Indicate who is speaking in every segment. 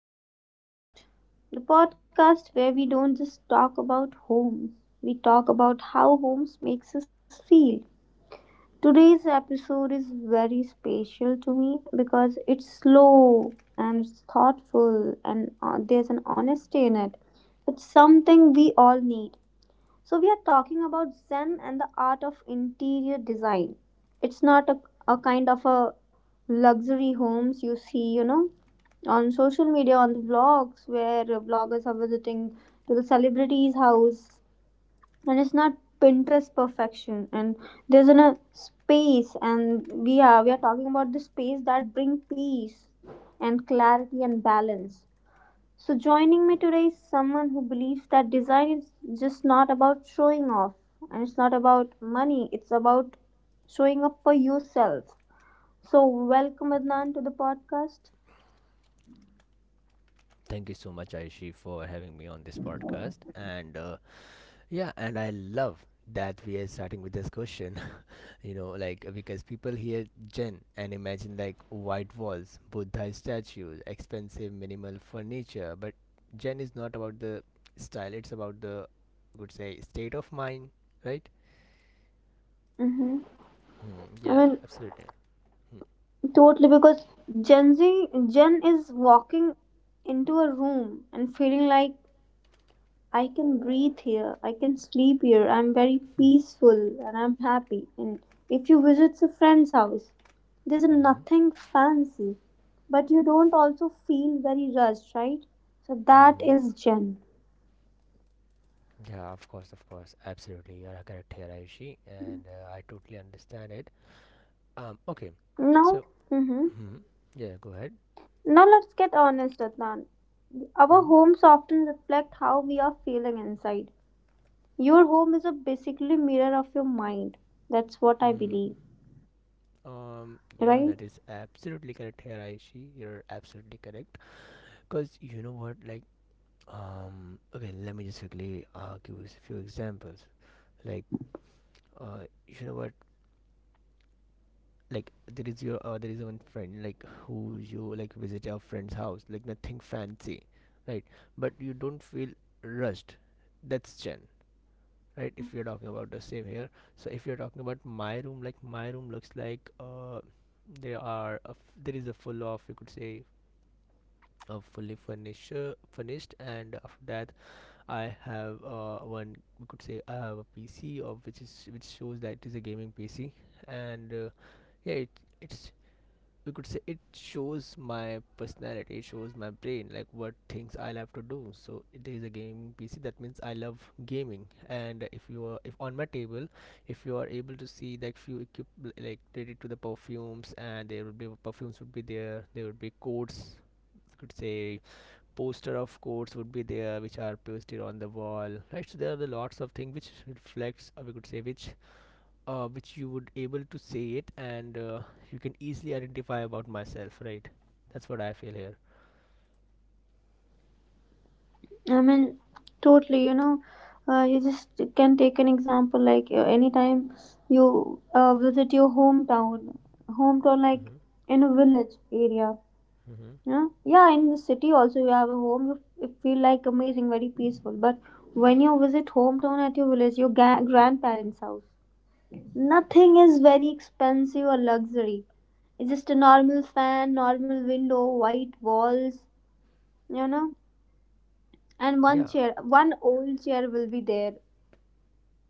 Speaker 1: back to the podcast. The podcast where we don't just talk about homes, we talk about how homes makes us feel. Today's episode is very special to me because it's slow and it's thoughtful, and there's an honesty in it. It's something we all need. So, we are talking about Zen and the art of interior design. It's not a, a kind of a luxury homes you see, you know, on social media, on the vlogs where vloggers are visiting to the celebrities' house, and it's not Pinterest perfection. And there's in a space, and we are talking about the space that bring peace and clarity and balance, so joining me today is someone who believes that design is just not about showing off and it's not about money, it's about showing up for yourself. So, welcome Adnan to the podcast.
Speaker 2: Thank you so much, Aishi, for having me on this podcast. And I love that we are starting with this question. Like, because people hear Zen and imagine like white walls, Buddha statues, expensive minimal furniture. But Zen is not about the style, it's about the, I would say, state of mind, right?
Speaker 1: Hmm.
Speaker 2: Hmm,
Speaker 1: I
Speaker 2: yeah,
Speaker 1: mean,
Speaker 2: absolutely.
Speaker 1: totally, because Gen Z, Gen is walking into a room and feeling like I can breathe here, I can sleep here, I'm very
Speaker 2: Hmm.
Speaker 1: peaceful and I'm happy. And if you visit a friend's house, there's nothing fancy, but you don't also feel very rushed, right? So that
Speaker 2: Hmm.
Speaker 1: is Jen.
Speaker 2: Yeah, of course, of course. Absolutely. You are correct here, Ayushi, and I totally understand it. Okay.
Speaker 1: Now,
Speaker 2: So,
Speaker 1: mm-hmm,
Speaker 2: hmm yeah, go ahead.
Speaker 1: now let's get honest, Adnan. Our
Speaker 2: Hmm.
Speaker 1: homes often reflect how we are feeling inside. Your home is a basically mirror of your mind. That's what I
Speaker 2: Hmm.
Speaker 1: believe,
Speaker 2: Yeah,
Speaker 1: right?
Speaker 2: that is absolutely correct here, Ayushi. You're absolutely correct. Because you know what, like, okay, let me just quickly give you a few examples. Like, you know what, like there is your there is one friend, like, who you like visit your friend's house, like nothing fancy, right? But you don't feel rushed. That's chen, right? If you're talking about the same here. So if you're talking about my room, like my room looks like there there is a full of, you could say, a fully furnished, and after that I have one, we could say, I have a PC, of which is which shows that it is a gaming PC. And yeah, it's, we could say, it shows my personality, it shows my brain, like what things I love to do. So it is a game PC, that means I love gaming. And if you are, if on my table, if you are able to see like few equip, like related to the perfumes, and there would be perfumes would be there, there would be codes, could say, poster of codes would be there, which are posted on the wall, right? So there are the lots of things which reflects, or we could say, which you would able to say it. And you can easily identify about myself, right? That's what I feel here.
Speaker 1: I mean, totally, you know, you just can take an example like anytime you visit your hometown like
Speaker 2: Mm-hmm.
Speaker 1: in a village area,
Speaker 2: Mm-hmm.
Speaker 1: you know, yeah, in the city also you have a home, you feel like amazing, very peaceful. But when you visit hometown at your village, your grandparents' house, nothing is very expensive or luxury. It's just a normal fan, normal window, white walls, you know, and one
Speaker 2: Yeah.
Speaker 1: chair one old chair will be there,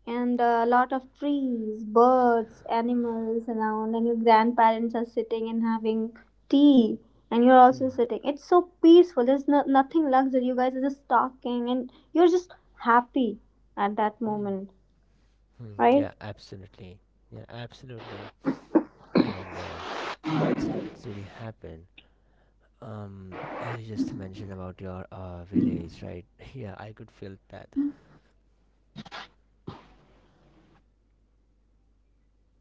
Speaker 1: and a lot of trees, birds, animals around, and your grandparents are sitting and having tea, and you're also
Speaker 2: Mm-hmm.
Speaker 1: sitting. It's so peaceful, there's nothing luxury, you guys are just talking and you're just happy at that
Speaker 2: Hmm.
Speaker 1: moment,
Speaker 2: Hmm.
Speaker 1: right?
Speaker 2: Yeah. Absolutely. Yeah. Absolutely. And it's really happened. As you just mentioned about your village, right? Yeah, I could feel that.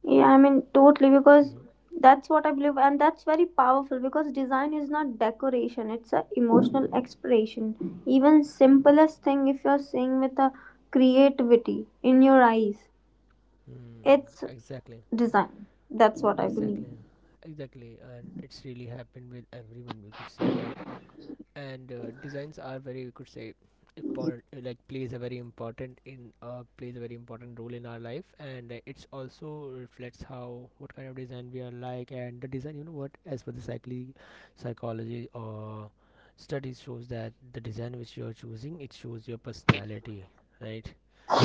Speaker 1: Yeah, I mean, totally, because
Speaker 2: Mm-hmm.
Speaker 1: that's what I believe, and that's very powerful because design is not decoration, it's an emotional expression. Even simplest thing, if you're seeing with a creativity in your eyes,
Speaker 2: Mm,
Speaker 1: it's
Speaker 2: exactly.
Speaker 1: design. That's what I believe.
Speaker 2: Exactly. Exactly. And it's really happened with everyone, we could say, right? And designs are very, we could say, important, like plays a very important in plays a very important role in our life. And it's also reflects how what kind of design we are like. And the design, you know what, as per the psychology or studies shows that the design which you're choosing, it shows your personality, right?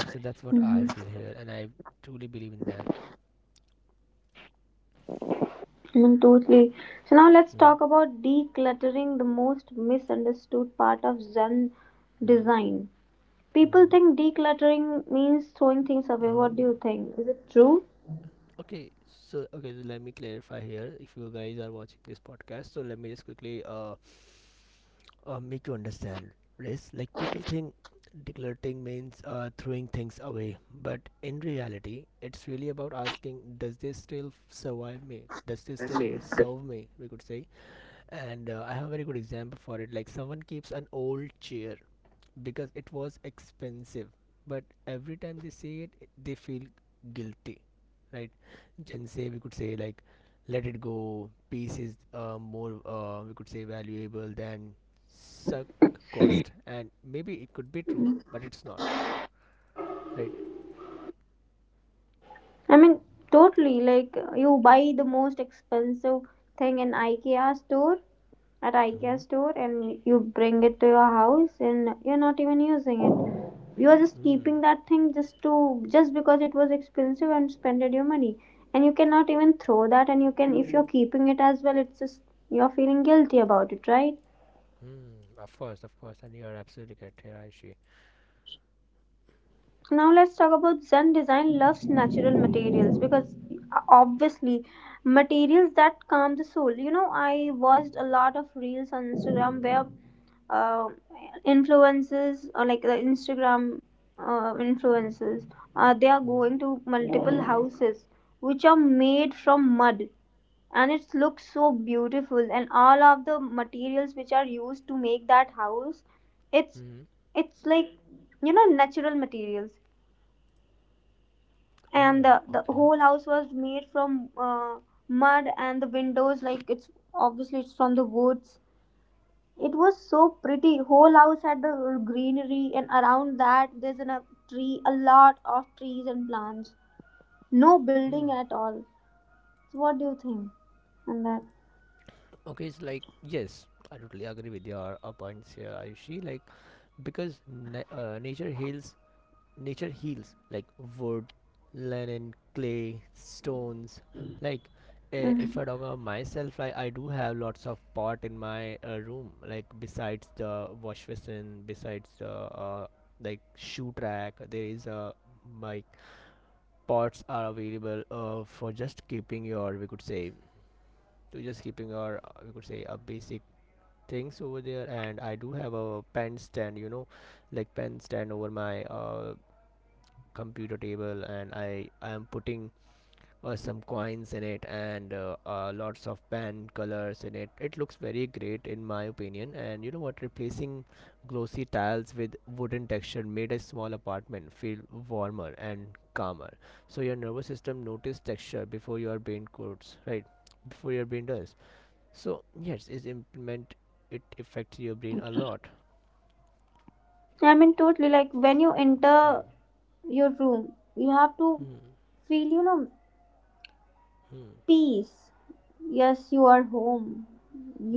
Speaker 2: So that's what I feel
Speaker 1: Mm-hmm.
Speaker 2: here, and I truly believe in that.
Speaker 1: I mean, totally. So now let's
Speaker 2: Mm-hmm.
Speaker 1: talk about decluttering, the most misunderstood part of Zen
Speaker 2: Mm-hmm.
Speaker 1: design. People
Speaker 2: Mm-hmm.
Speaker 1: think decluttering means throwing things away.
Speaker 2: Uh-huh.
Speaker 1: What do you think? Is it true?
Speaker 2: Okay so let me clarify here. If you guys are watching this podcast, so let me just quickly make you understand this. Like people think decluttering means throwing things away, but in reality it's really about asking, does this still serve me, we could say. And I have a very good example for it. Like someone keeps an old chair because it was expensive, but every time they say they feel guilty, right? And say, we could say, like, let it go. Peace is, more, we could say, valuable than suck cost. And maybe it could be true, but it's not, right?
Speaker 1: I mean, totally. Like you buy the most expensive thing in IKEA
Speaker 2: Mm.
Speaker 1: store, and you bring it to your house, and you're not even using it. You are just
Speaker 2: Mm.
Speaker 1: keeping that thing just because it was expensive and spended your money, and you cannot even throw that. And you can, if you're keeping it as well, it's just you're feeling guilty about it, right?
Speaker 2: Mm. Of course, and you are absolutely correct here, Aishi.
Speaker 1: Now let's talk about Zen design loves natural materials because, obviously, materials that calm the soul. You know, I watched a lot of reels on Instagram where, uh, influences or like the Instagram influences, they are
Speaker 2: Mm.
Speaker 1: going to multiple houses which are made from mud, and it looks so beautiful, and all of the materials which are used to make that house, it's
Speaker 2: Mm.
Speaker 1: it's like, you know, natural materials. And
Speaker 2: Oh,
Speaker 1: the
Speaker 2: okay.
Speaker 1: whole house was made from mud, and the windows, like it's obviously it's from the woods. It was so pretty, whole house had the greenery, and around that there's a tree, a lot of trees and plants, no building
Speaker 2: Mm.
Speaker 1: at all. So what do you think on that?
Speaker 2: Okay, it's like, yes, I totally agree with your points here, Ayushi. Like, because nature heals, like wood, linen, clay, stones. Like, if
Speaker 1: Mhm.
Speaker 2: I talk about myself, like I do have lots of pot in my room. Like besides the wash basin, besides the like shoe rack, there is a, like, pots are available for just keeping your, we could say, to just keeping your we could say a basic things over there. And I do have a pen stand, you know, like pen stand over my computer table. And I am putting some coins in it, and lots of pen colors in it. It looks very great in my opinion. And you know what, replacing glossy tiles with wooden texture made a small apartment feel warmer and calmer. So your nervous system notices texture before your brain codes, right? Before your brain does. So yes, is implement, it affects your brain a lot.
Speaker 1: I mean, totally. Like when you enter your room you have to
Speaker 2: Hmm.
Speaker 1: feel, you know,
Speaker 2: Hmm.
Speaker 1: peace. Yes, you are home,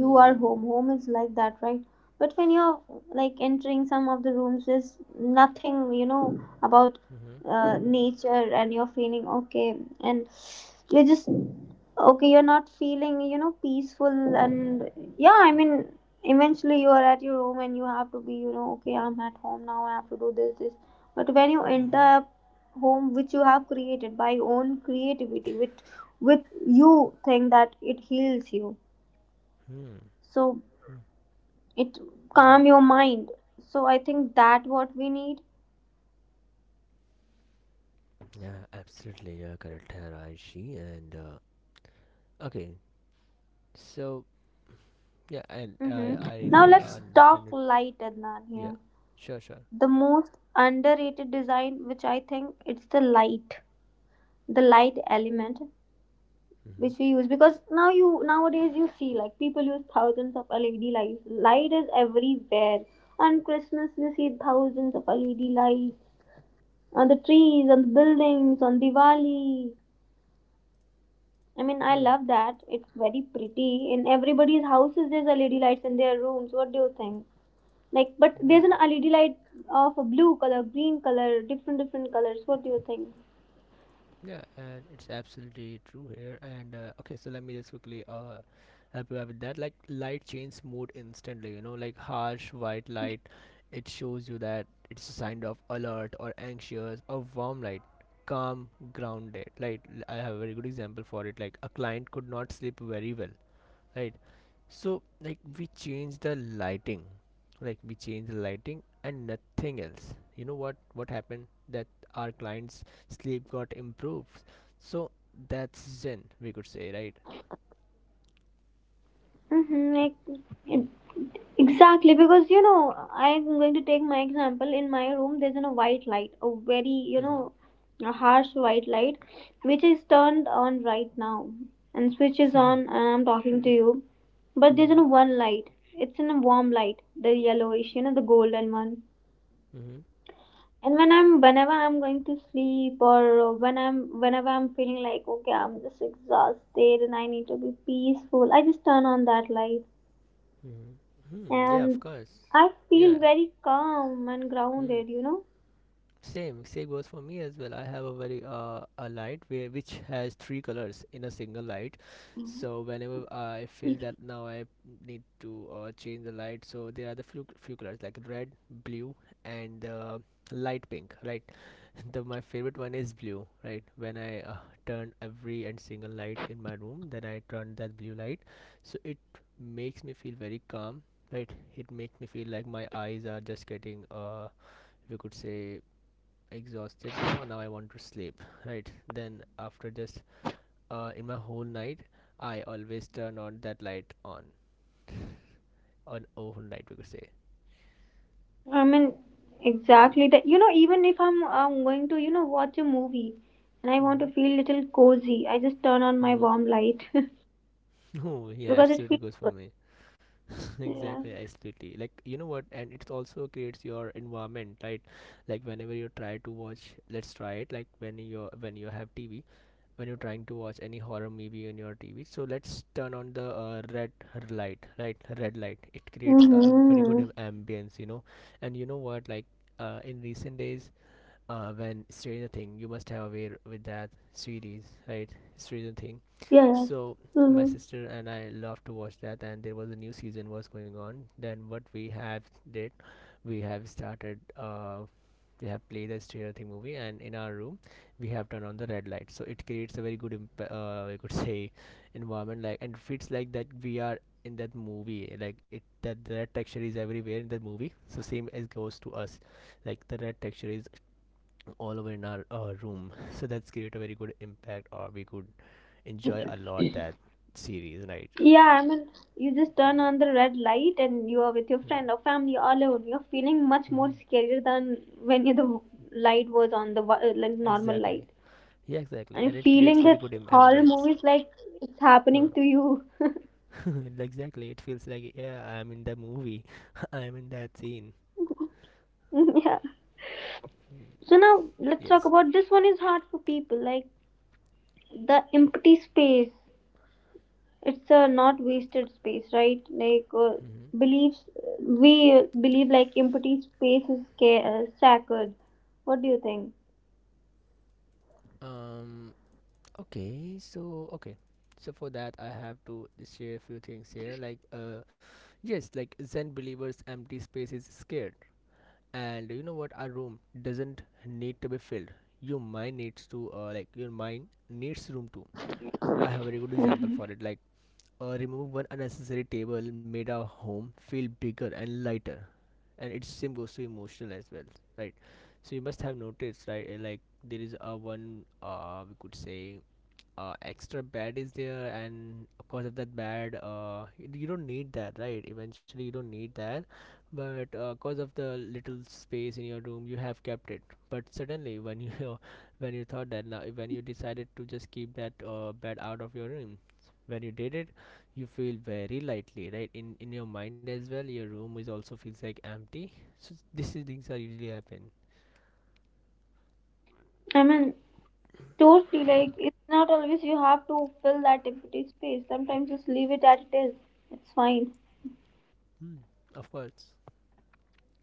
Speaker 1: you are home, home is like that, right? But when you're like entering some of the rooms, there's nothing, you know, about
Speaker 2: Hmm.
Speaker 1: nature, and you're feeling okay, and you're just okay, you're not feeling, you know, peaceful. And yeah, I mean, eventually you are at your home and you have to be, you know, okay, I'm at home now, I have to do this. But when you enter
Speaker 2: Hmm.
Speaker 1: a home which you have created by your own creativity, with, you think that it heals you,
Speaker 2: Hmm.
Speaker 1: so
Speaker 2: Hmm.
Speaker 1: it
Speaker 2: Yeah.
Speaker 1: calm your mind. So I think that what we need.
Speaker 2: Yeah. Absolutely. You're correct, Raishi. And okay. So yeah, I I,
Speaker 1: Hmm.
Speaker 2: I
Speaker 1: Now
Speaker 2: really
Speaker 1: let's talk
Speaker 2: understand it.
Speaker 1: light, Adnan,
Speaker 2: Yeah.
Speaker 1: here,
Speaker 2: Sure. Sure.
Speaker 1: the most underrated design, which I think it's the light, the light element
Speaker 2: Mm-hmm.
Speaker 1: which we use, because now, you nowadays you see like people use thousands of LED lights, light is everywhere. On Christmas you see thousands of LED lights on the trees, on the buildings, on Diwali. I mean, I
Speaker 2: Hmm.
Speaker 1: love that. It's very pretty. In everybody's houses, there's LED lights in their rooms. What do you think? Like, but
Speaker 2: Yeah.
Speaker 1: there's an LED light of a blue color, green color, different different colors. What do you think?
Speaker 2: Yeah, and it's absolutely true here. And okay, so let me just quickly help you out with that. Like, light changes mood instantly. You know, like harsh white light, it shows you that it's a sign of alert or anxious. Or warm light, calm, grounded. Like, I have a very good example for it. Like a client could not sleep very well, right? So like we change the lighting, and nothing else. You know what happened that our clients sleep got improved. So that's Zen, we could say, right?
Speaker 1: Mm-hmm. like,
Speaker 2: Hmm.
Speaker 1: it- exactly, because you know, I'm going to take my example. In my room, there's, you know, white light, a very, you
Speaker 2: Mm-hmm.
Speaker 1: know, a harsh white light, which is turned on right now and switch is on, and I'm talking to you. But there's, you
Speaker 2: Mm-hmm.
Speaker 1: know, one light. It's in a warm light, the yellowish, you know, the golden one.
Speaker 2: Mm-hmm.
Speaker 1: And when I'm whenever I'm going to sleep, or when I'm whenever I'm feeling like okay, I'm just exhausted and I need to be peaceful, I just turn on that light,
Speaker 2: Mm-hmm. Hmm. Yeah, of
Speaker 1: and
Speaker 2: course.
Speaker 1: I
Speaker 2: Yeah.
Speaker 1: feel very calm and
Speaker 2: Hmm.
Speaker 1: grounded, you know.
Speaker 2: Same goes for me as well. I have a very a light where which has three colors in a single light. So whenever I feel that now I need to change the light, so there are the few few colors like red, blue, and light pink. Right, the my favorite one is blue. Right, when I turn every and single light in my room, then I turn that blue light, so it makes me feel very calm. Right, it makes me feel like my eyes are just getting, we could say, exhausted. Now I want to sleep. Right, then after just in my whole night I always turn on that light on overnight, we could say.
Speaker 1: I mean, exactly that. You know, even if I'm going to, you know, watch a movie and I want
Speaker 2: Mm-hmm.
Speaker 1: to feel little cozy, I just turn on my
Speaker 2: Mm-hmm.
Speaker 1: warm light
Speaker 2: Oh yeah,
Speaker 1: because it
Speaker 2: absolutely
Speaker 1: feels
Speaker 2: goes for
Speaker 1: good.
Speaker 2: me.
Speaker 1: Yeah.
Speaker 2: Exactly, absolutely. Like, you know what, and it also creates your environment, right? Like whenever you try to watch, let's try it. Like, when you have TV, when you're trying to watch any horror movie on your TV, so let's turn on the red light, right? Red light, it creates a very good
Speaker 1: Mm-hmm.
Speaker 2: ambience, you know. And you know what, like, in recent days, when Stranger Thing. You must have aware with that series, right? Stranger Thing.
Speaker 1: Yeah.
Speaker 2: So my
Speaker 1: Mm-hmm.
Speaker 2: sister and I love to watch that, and there was a new season was going on. Then what we have did, we have started. We have played the Stranger Thing movie, and in our room, we have turned on the red light. So it creates a very good, we could say, environment. Like, and it feels like that we are in that movie. Like it, that the red texture is everywhere in that movie. So same as goes to us, like the red texture is all over in our room. So that's create a very good impact, or we could enjoy a lot that series, right?
Speaker 1: Yeah, I mean, you just turn
Speaker 2: Mm-hmm.
Speaker 1: on the red light and you are with your friend or family all alone, you're feeling much more
Speaker 2: Mm-hmm.
Speaker 1: scarier than when you, the light was on the like normal
Speaker 2: Exactly.
Speaker 1: light.
Speaker 2: Yeah, exactly, and
Speaker 1: And
Speaker 2: it creates
Speaker 1: feeling
Speaker 2: very
Speaker 1: that
Speaker 2: good
Speaker 1: horror
Speaker 2: ambience.
Speaker 1: movies like it's happening
Speaker 2: Huh.
Speaker 1: to you.
Speaker 2: Exactly. It feels like, yeah, I'm in the movie. I'm in that scene.
Speaker 1: Yeah.
Speaker 2: Hmm.
Speaker 1: So now let's talk
Speaker 2: Yes.
Speaker 1: about this, one is hard for people, like the empty space. It's a not wasted space, right? Like,
Speaker 2: Hmm.
Speaker 1: beliefs, we believe like empty space is sacred. What do you think?
Speaker 2: um okay. So, for that I have to share a few things here. Like, yes, like Zen believers empty space is scared. And you know what, our room doesn't need to be filled. Your mind needs to like, your mind needs room too. I have a very good example
Speaker 1: Mhm.
Speaker 2: for it. Like, remove one unnecessary table made our home feel bigger and lighter. And it same goes to emotional as well, right? So you must have noticed, right, like there is a one, we could say, extra bed is there. And because of that bed, you don't need that, right? Eventually you don't need that. But because of the little space in your room, you have kept it. But suddenly when you, when you thought that now, when you decided to just keep that bed out of your room, when you did it, you feel very lightly, right, in your mind as well. Your room is also feels like empty. So this is things are usually happen.
Speaker 1: I mean, totally. Like it's not always you have to fill that empty space. Sometimes just leave it as it is. It's fine.
Speaker 2: Hmm. Of course.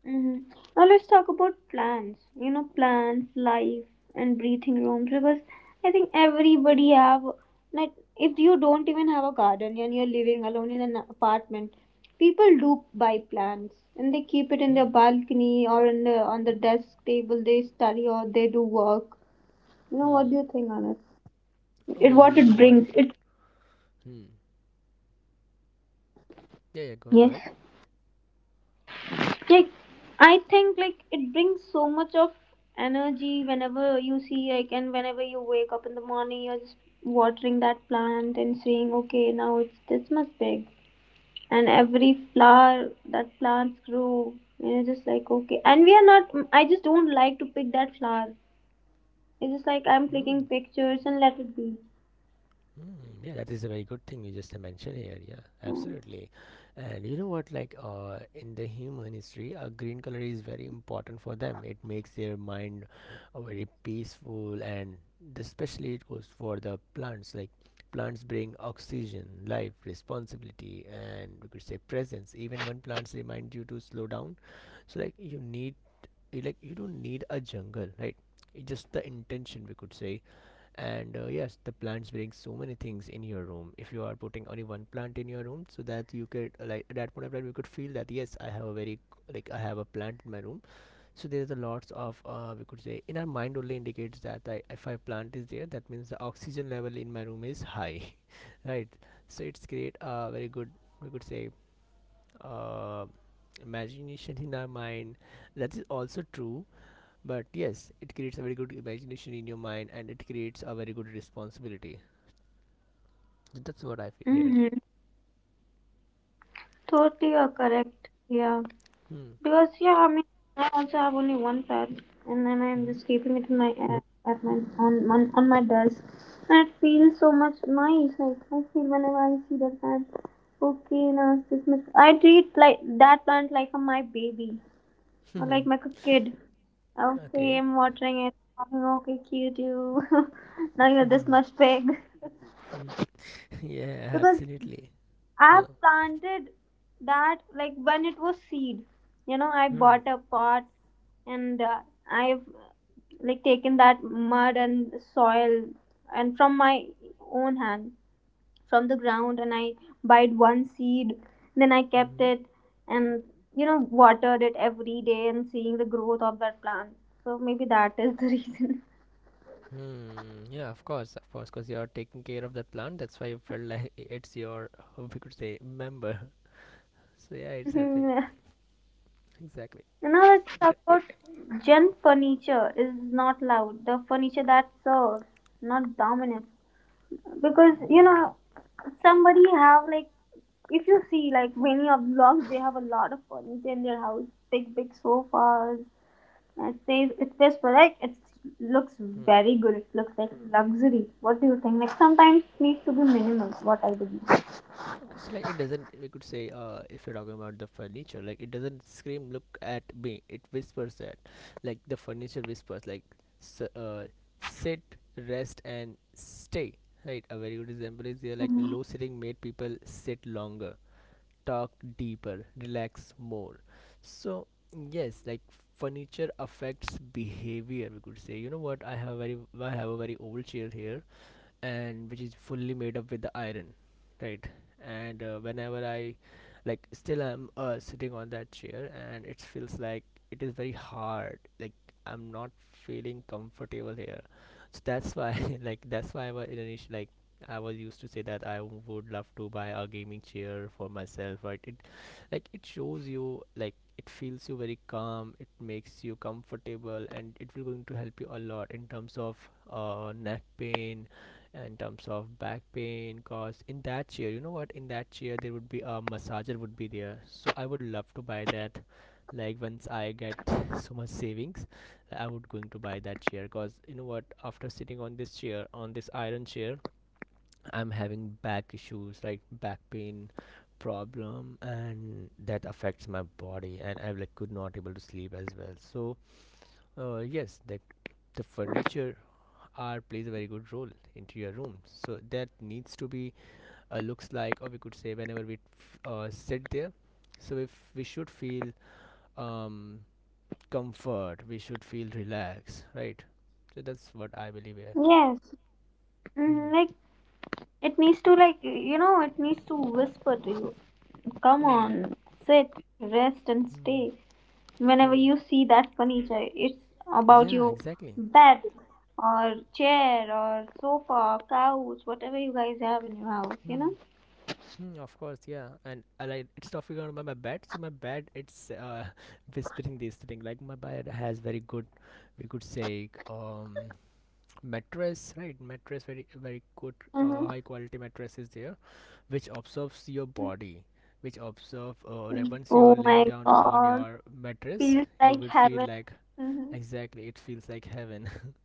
Speaker 1: Hmm. Now let's talk about plants. You know, plants, life, and breathing rooms. Because I think everybody have like, if you don't even have a garden and you're living alone in an apartment, people do buy plants and they keep it in
Speaker 2: Hmm.
Speaker 1: their balcony or in the on the
Speaker 2: Hmm.
Speaker 1: desk table. They study or they do work. You know, what do
Speaker 2: Hmm.
Speaker 1: you think on it? It what
Speaker 2: You know
Speaker 1: it
Speaker 2: what.
Speaker 1: brings. It,
Speaker 2: Hmm. Yeah, yeah, go ahead.
Speaker 1: yes. Like I think like it brings so much of energy, whenever you see like, and whenever you wake up in the morning you're just watering that plant and saying, okay, now it's this much big. And every flower that plants grow, and you're just like, okay, and we are not, I just don't like to pick that flower, it's just like I'm
Speaker 2: Mm,
Speaker 1: clicking pictures and let it be.
Speaker 2: mm, yeah, that is a very good thing you just mentioned here. Yeah, absolutely. And you know what? Like, in the human history, a green color is very important for them. It makes their mind very peaceful, and especially it goes for the plants. Like, plants bring oxygen, life, responsibility, and we could say presence. Even when plants remind you to slow down, so like you need, you like you don't need a jungle, right? It just the intention we could say. And yes, the plants bring so many things in your room. If you are putting only one plant in your room, so that you could like at that point of time you could feel that yes, I have a very like I have a plant in my room. So there's a lots of we could say in our mind only indicates that if I plant is there, that means the oxygen level in my room is high, right? So it's create a very good we could say uh, imagination in our mind. That is also true, but yes, it creates a very good imagination in your mind and it creates a very good responsibility, that's what I feel here.
Speaker 1: Mm-hmm. Totally, you're correct, yeah.
Speaker 2: Hmm.
Speaker 1: Because yeah, I mean, I also have only one pad, and then I'm
Speaker 2: Hmm.
Speaker 1: just keeping it in my, at my, on my desk, and it feels so much nice. Like I feel, whenever I see that plant, okay, now it's this much. I treat like that plant like a, my baby, or like my kid. Okay,
Speaker 2: Okay.
Speaker 1: I'm watering it. Okay, cute you. Now you're this much big.
Speaker 2: Hmm. Yeah,
Speaker 1: Because
Speaker 2: absolutely.
Speaker 1: I
Speaker 2: Huh.
Speaker 1: planted that like when it was seed. You know, I
Speaker 2: Hmm.
Speaker 1: bought a pot and, I've like taken that mud and soil and from my own hand from the ground, and I bought one seed. Then I kept
Speaker 2: Hmm.
Speaker 1: it, and you know, watered it every day and seeing the growth of that plant. So maybe that is the reason.
Speaker 2: Hmm. Yeah, of course, because you're taking care of the plant. That's why you felt like it's your, we could say, member. So yeah, it's happened. Exactly.
Speaker 1: And now let's talk about Gen furniture is not loud. The furniture that serves, not dominates. Because you
Speaker 2: Hmm.
Speaker 1: know, somebody have like, if you see like many of blogs, they have a lot of furniture in their house, big big sofas. And it says, it feels like it looks
Speaker 2: Hmm.
Speaker 1: very good. It looks like luxury. What do you think? Like sometimes needs to be minimal. What I believe.
Speaker 2: Okay, so like it doesn't, we could say, if you're talking about the furniture, like it doesn't scream, look at me. It whispers that, like the furniture whispers, like, s sit, rest, and stay. Right. A very good example is here, like
Speaker 1: Mhm.
Speaker 2: low sitting made people sit longer, talk deeper, relax more. So yes, like furniture affects behavior. We could say, you know what? I have a very old chair here and which is fully made up with the iron, right. And whenever I like still I'm sitting on that chair and it feels like it is very hard, like I'm not feeling comfortable here. So that's why that's why I was initially like I was used to say that I would love to buy a gaming chair for myself, right. It like it shows you like it feels you very calm, it makes you comfortable and it will going to help you a lot in terms of neck pain, in terms of back pain, cause in that chair you know what in that chair there would be a massager would be there, so I would love to buy that like once I get so much savings, I would going to buy that chair cause you know what after sitting on this chair on this iron chair I'm having back issues like back pain problem and that affects my body and I like could not able to sleep as well. So yes, the furniture R plays a very good role into your room, so that needs to be looks like or we could say whenever we sit there, so if we should feel um, comfort, we should feel relaxed, right? So that's what I believe here.
Speaker 1: Yes. Hmm.
Speaker 2: Hmm.
Speaker 1: Like it needs to, like you know, it needs to whisper to you. Come
Speaker 2: Hmm.
Speaker 1: on, sit, rest and
Speaker 2: Hmm.
Speaker 1: stay. Whenever
Speaker 2: Hmm.
Speaker 1: you see that furniture, it's about
Speaker 2: Yeah,
Speaker 1: your
Speaker 2: exactly.
Speaker 1: bed or chair or sofa, couch, whatever you guys have in your house, you
Speaker 2: Hmm.
Speaker 1: know?
Speaker 2: Hmm, of course yeah and I like it's talking about my bed. So my bed it's whispering this thing, like my bed has very good we could say mattress, right. Mattress very good
Speaker 1: Mm-hmm.
Speaker 2: high quality mattress is there, which observes your body, which observe like once you
Speaker 1: Oh
Speaker 2: are laying
Speaker 1: my
Speaker 2: down on
Speaker 1: god.
Speaker 2: your mattress
Speaker 1: Feels
Speaker 2: you
Speaker 1: like
Speaker 2: will feel
Speaker 1: heaven.
Speaker 2: like
Speaker 1: Mm-hmm.
Speaker 2: exactly it feels like heaven.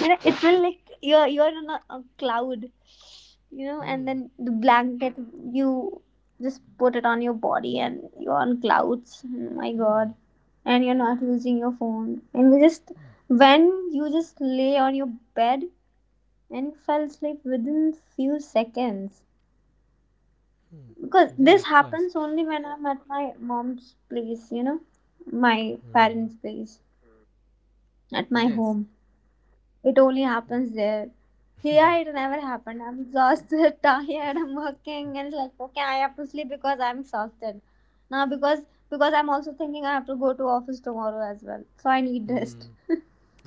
Speaker 1: It felt like you're on a cloud. And
Speaker 2: Hmm.
Speaker 1: then the blanket, you just put it on your body, and you're on clouds. Oh my
Speaker 2: Hmm.
Speaker 1: god. And you're not using your phone, and you just
Speaker 2: Hmm.
Speaker 1: when you just lay on your bed, and you fell asleep within few seconds.
Speaker 2: Mm.
Speaker 1: Because
Speaker 2: Yeah,
Speaker 1: this
Speaker 2: of course.
Speaker 1: happens only when I'm at my mom's place, my
Speaker 2: Hmm.
Speaker 1: parents place, at my
Speaker 2: Yes.
Speaker 1: home. It only happens there. Here it never happened. I'm exhausted, tired, I'm working, and it's like, okay, I have to sleep because I'm exhausted. Now, because I'm also thinking I have to go to office tomorrow as well. So I need rest.
Speaker 2: Hmm.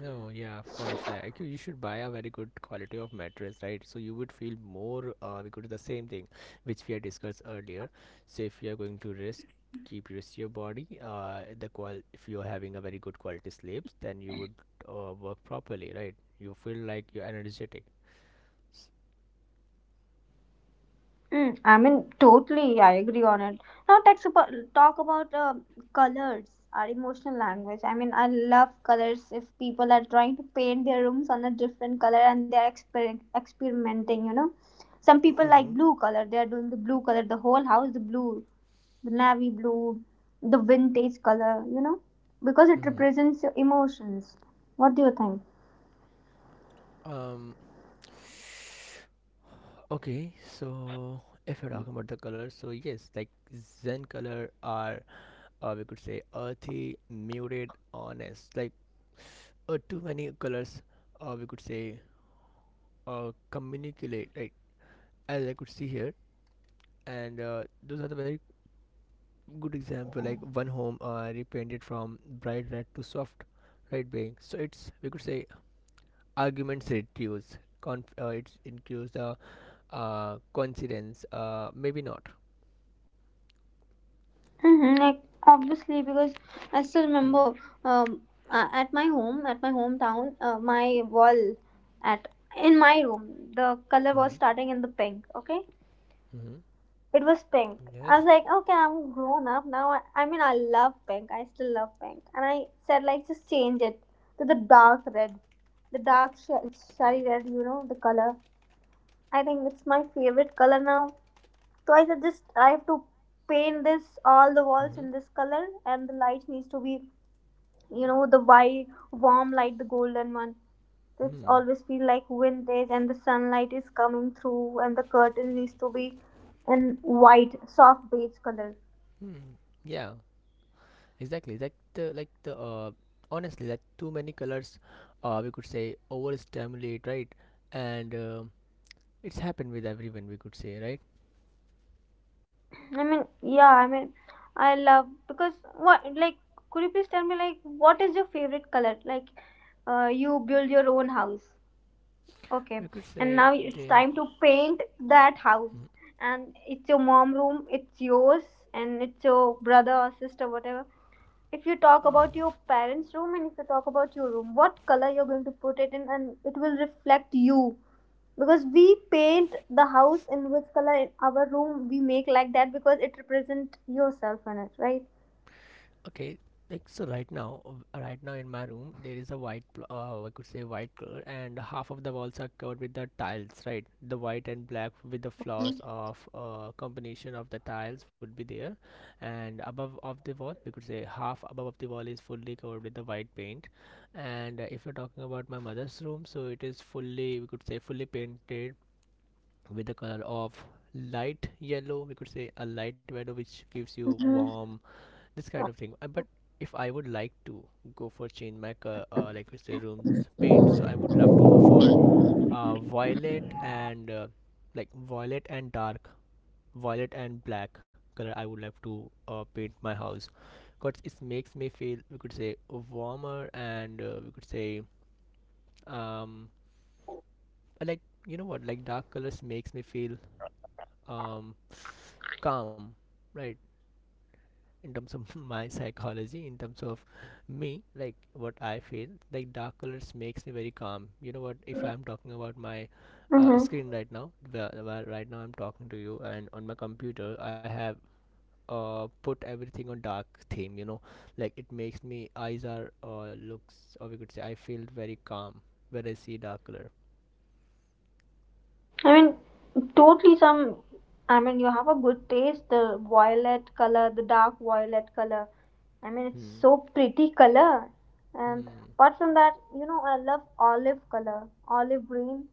Speaker 2: Oh yeah, of course. Yeah, actually, you should buy a very good quality of mattress, right? So you would feel more. Because the same thing, which we had discussed earlier. So if you are going to rest, keep rest your body. The qual if you are having a very good quality sleeps, then you would work properly, right? You feel like you're energetic.
Speaker 1: Mm, I mean, totally, I agree on it. Now, talk about colors, our emotional language. I mean, I love colors if people are trying to paint their rooms on a different color, and they're experimenting. Some people like
Speaker 2: Mm-hmm.
Speaker 1: blue color, they're doing the blue color, the whole house, the blue, the navy blue, the vintage color, because it
Speaker 2: Mm-hmm.
Speaker 1: represents your emotions. What do you think?
Speaker 2: Um. Okay, so if you're talking about the colors, so yes, like Zen color are or we could say earthy, muted, honest, like too many colors, or we could say communicate, right? As I could see here, and those are the very good example. Like one home repainted from bright red to soft red beige. So it's we could say arguments reduce, it's increase the coincidence, maybe not.
Speaker 1: Like obviously, because I still
Speaker 2: Hmm.
Speaker 1: remember um, at my home, at my hometown, my wall at in my room, the color
Speaker 2: Mm-hmm.
Speaker 1: was starting in the pink. Okay,
Speaker 2: Mm-hmm.
Speaker 1: it was pink.
Speaker 2: Yes.
Speaker 1: I was like, okay, I'm grown up now. I mean, I love pink. I still love pink, and I said, like, just change it to the dark red, the dark shiny red. You know the color. I think it's my favorite color now, so I suggest I have to paint this all the walls
Speaker 2: Mm-hmm.
Speaker 1: in this color, and the lights needs to be, the white warm light, the golden one. So it's
Speaker 2: Hmm.
Speaker 1: always feel like vintage, and the sunlight is coming through, and the curtain needs to be in white, soft beige color.
Speaker 2: Hmm. Yeah. Exactly, like the honestly, like too many colors, we could say overstimulate, right? And it's happened with everyone, we could say, right?
Speaker 1: I mean, yeah, I mean, I love because what like could you please tell me like what is your favorite color? Like, you build your own house. Okay,
Speaker 2: We could
Speaker 1: and
Speaker 2: say
Speaker 1: now it's
Speaker 2: they,
Speaker 1: time to paint that house. And it's your mom room, it's yours, and it's your brother or sister, whatever. If you talk
Speaker 2: um,
Speaker 1: about your parents' room, and if you talk about your room, what color you're going to put it in, and it will reflect you. Because we paint the house in which color in our room we make like that, because it represents yourself in it, right?
Speaker 2: okay, right now, right now in my room there is a white, I could say white color, and half of the walls are covered with the tiles, right? The white and black with the flowers of combination of the tiles would be there, and above of the wall we could say half above of the wall is fully covered with the white paint, and if you're talking about my mother's room, so it is fully we could say fully painted with the color of light yellow. We could say a light yellow which gives you
Speaker 1: Mm-hmm.
Speaker 2: warm this kind of thing. But if I would like to go for change my like we say rooms paint, so I would love to go for violet and like violet and dark, violet and black color. I would love to paint my house because it makes me feel we could say warmer and we could say um like you know what like dark colors makes me feel um calm, right, in terms of my psychology in terms of me, like what I feel like dark colors makes me very calm. You know what if I'm talking about my
Speaker 1: Mm-hmm.
Speaker 2: screen right now where right now I'm talking to you and on my computer I have put everything on dark theme, you know, like it makes me eyes are looks or we could say I feel very calm when I see dark color.
Speaker 1: I mean, totally some. I mean, you have a good taste. The violet color, the dark violet color. I mean, it's
Speaker 2: Hmm.
Speaker 1: so pretty color. And
Speaker 2: Hmm.
Speaker 1: apart from that, I love olive color, olive green,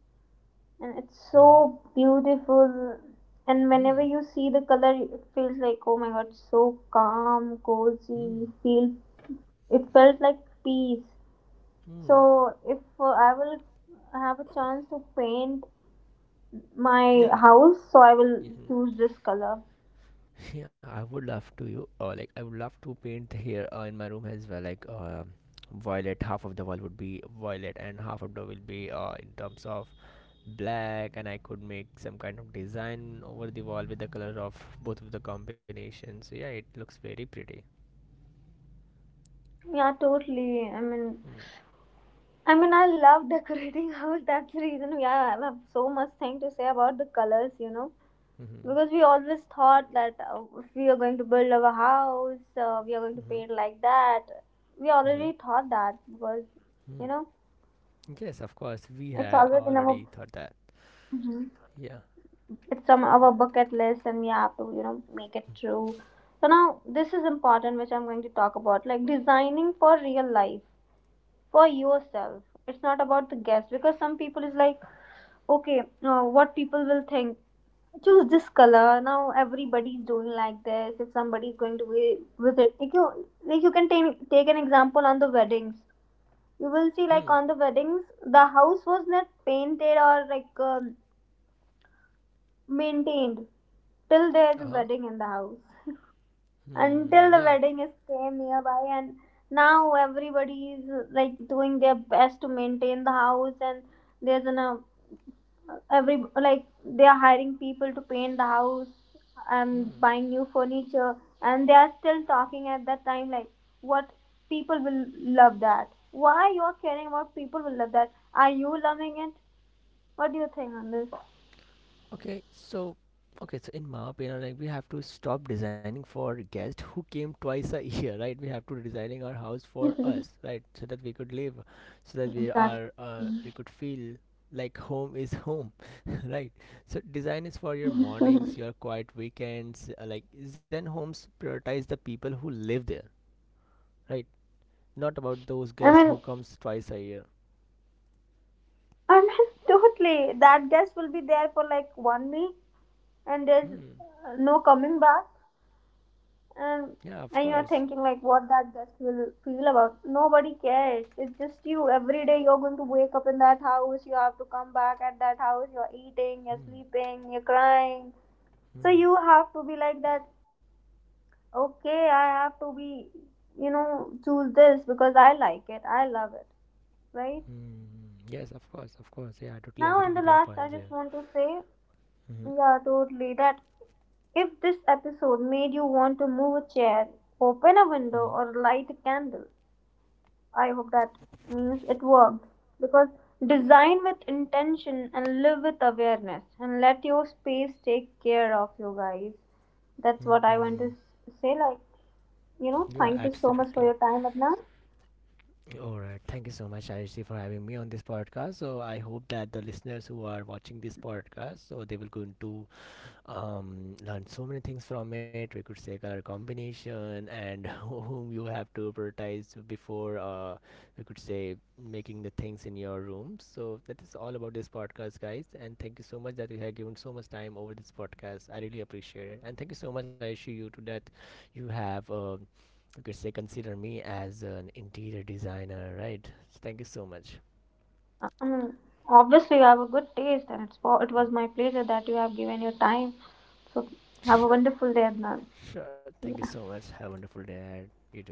Speaker 1: and it's
Speaker 2: Hmm.
Speaker 1: so beautiful. And whenever
Speaker 2: Hmm.
Speaker 1: you see the color, it feels like, oh my god, so calm,
Speaker 2: Hmm,
Speaker 1: cozy. Feel it felt like peace.
Speaker 2: hmm.
Speaker 1: So if I will have a chance to paint my
Speaker 2: Yeah.
Speaker 1: house, so I will
Speaker 2: Hmm.
Speaker 1: choose this color.
Speaker 2: Yeah, I would love to you. Like I would love to paint here in my room as well. Violet, half of the wall would be violet, and half of the will be in terms of black. And I could make some kind of design over the wall with the color of both of the combinations. So yeah, it looks very pretty.
Speaker 1: Yeah, totally. I mean,
Speaker 2: Mm.
Speaker 1: I mean, I love decorating house. That's the reason. Yeah, I have so much thing to say about the colors. You know,
Speaker 2: Mm-hmm.
Speaker 1: because we always thought that if we are going to build our house, we are going to
Speaker 2: Mm-hmm.
Speaker 1: paint like that. We
Speaker 2: Mm-hmm.
Speaker 1: already thought that, because you
Speaker 2: Mm.
Speaker 1: know
Speaker 2: Yes, of course. We
Speaker 1: it's
Speaker 2: have
Speaker 1: always in our.
Speaker 2: already thought that.
Speaker 1: Mhm.
Speaker 2: Yeah.
Speaker 1: It's on our bucket list, and we have to make it true. So now this is important, which I'm going to talk about, like designing for real life. For yourself, it's not about the guest. Because some people is like, okay, what people will think, choose this color. Now everybody's doing like this. If somebody is going to be with it, like you can take an example on the weddings. You will see,
Speaker 2: Hmm.
Speaker 1: like, on the weddings, the house was not painted, or like maintained till there is a
Speaker 2: Uh huh.
Speaker 1: wedding in the house.
Speaker 2: Hmm.
Speaker 1: Until the
Speaker 2: Yeah.
Speaker 1: wedding is came nearby, and now everybody is like doing their best to maintain the house, and there's an every, like, they are hiring people to paint the house and
Speaker 2: Hmm.
Speaker 1: buying new furniture. And they are still talking at that time, like, what people will love, that why you are caring about people will love that, are you loving it? What do you think on
Speaker 2: Okay, so okay, so in my opinion, like we have to stop designing for guests who came twice a year, right? We have to designing our house
Speaker 1: this?
Speaker 2: for us, right? So that we could live, so that we
Speaker 1: Exactly.
Speaker 2: are we could feel like home is home, right? So design is for your mornings, your quiet weekends. Like Zen homes prioritize the people who live there, right? Not about those
Speaker 1: i
Speaker 2: guests
Speaker 1: mean
Speaker 2: who comes twice a year.
Speaker 1: i mean totally that guest will be there for like one week. And there's
Speaker 2: Hmm.
Speaker 1: no coming back, and
Speaker 2: Yeah, of
Speaker 1: and you're
Speaker 2: course.
Speaker 1: thinking like what that guest will feel about, nobody cares. It's just you. Every day you're going to wake up in that house, you have to come back at that house, you're eating, you're
Speaker 2: Hmm.
Speaker 1: sleeping, you're crying. So
Speaker 2: Hmm.
Speaker 1: you have to be like that. Okay, I have to be, choose this because I like it, I love it, right?
Speaker 2: Mm, yes, of course, of course. Yeah, I totally
Speaker 1: Now,
Speaker 2: agree
Speaker 1: in the
Speaker 2: with your
Speaker 1: last, I
Speaker 2: points
Speaker 1: just
Speaker 2: here.
Speaker 1: want to say,
Speaker 2: Hmm.
Speaker 1: yeah, totally, that if this episode made you want to move a chair, open a
Speaker 2: Hmm.
Speaker 1: window, or light a candle, I hope that means it worked. Because design with intention and live with awareness, and let your space take care of you guys. That's what I
Speaker 2: Hmm.
Speaker 1: want to say. Like,
Speaker 2: Yeah,
Speaker 1: thank you so much
Speaker 2: absolutely.
Speaker 1: for your time, Adnan.
Speaker 2: All right. Thank you so much, Ayushi, for having me on this podcast. So I hope that the listeners who are watching this podcast, so they will go into learn so many things from it. We could say color combination and whom you have to prioritize before we could say making the things in your room. So that is all about this podcast, guys. And thank you so much that you have given so much time over this podcast. I really appreciate it. And thank you so much, I assure you to that you have you could say consider me as an interior designer, right? So thank you so much.
Speaker 1: I mean, obviously, you have a good taste, and it was
Speaker 2: Mm.
Speaker 1: my pleasure that you have given your time. So, have a
Speaker 2: Sure,
Speaker 1: wonderful day, Adnan.
Speaker 2: sure. Thank you
Speaker 1: Yeah.
Speaker 2: so much. Have a wonderful day. You too.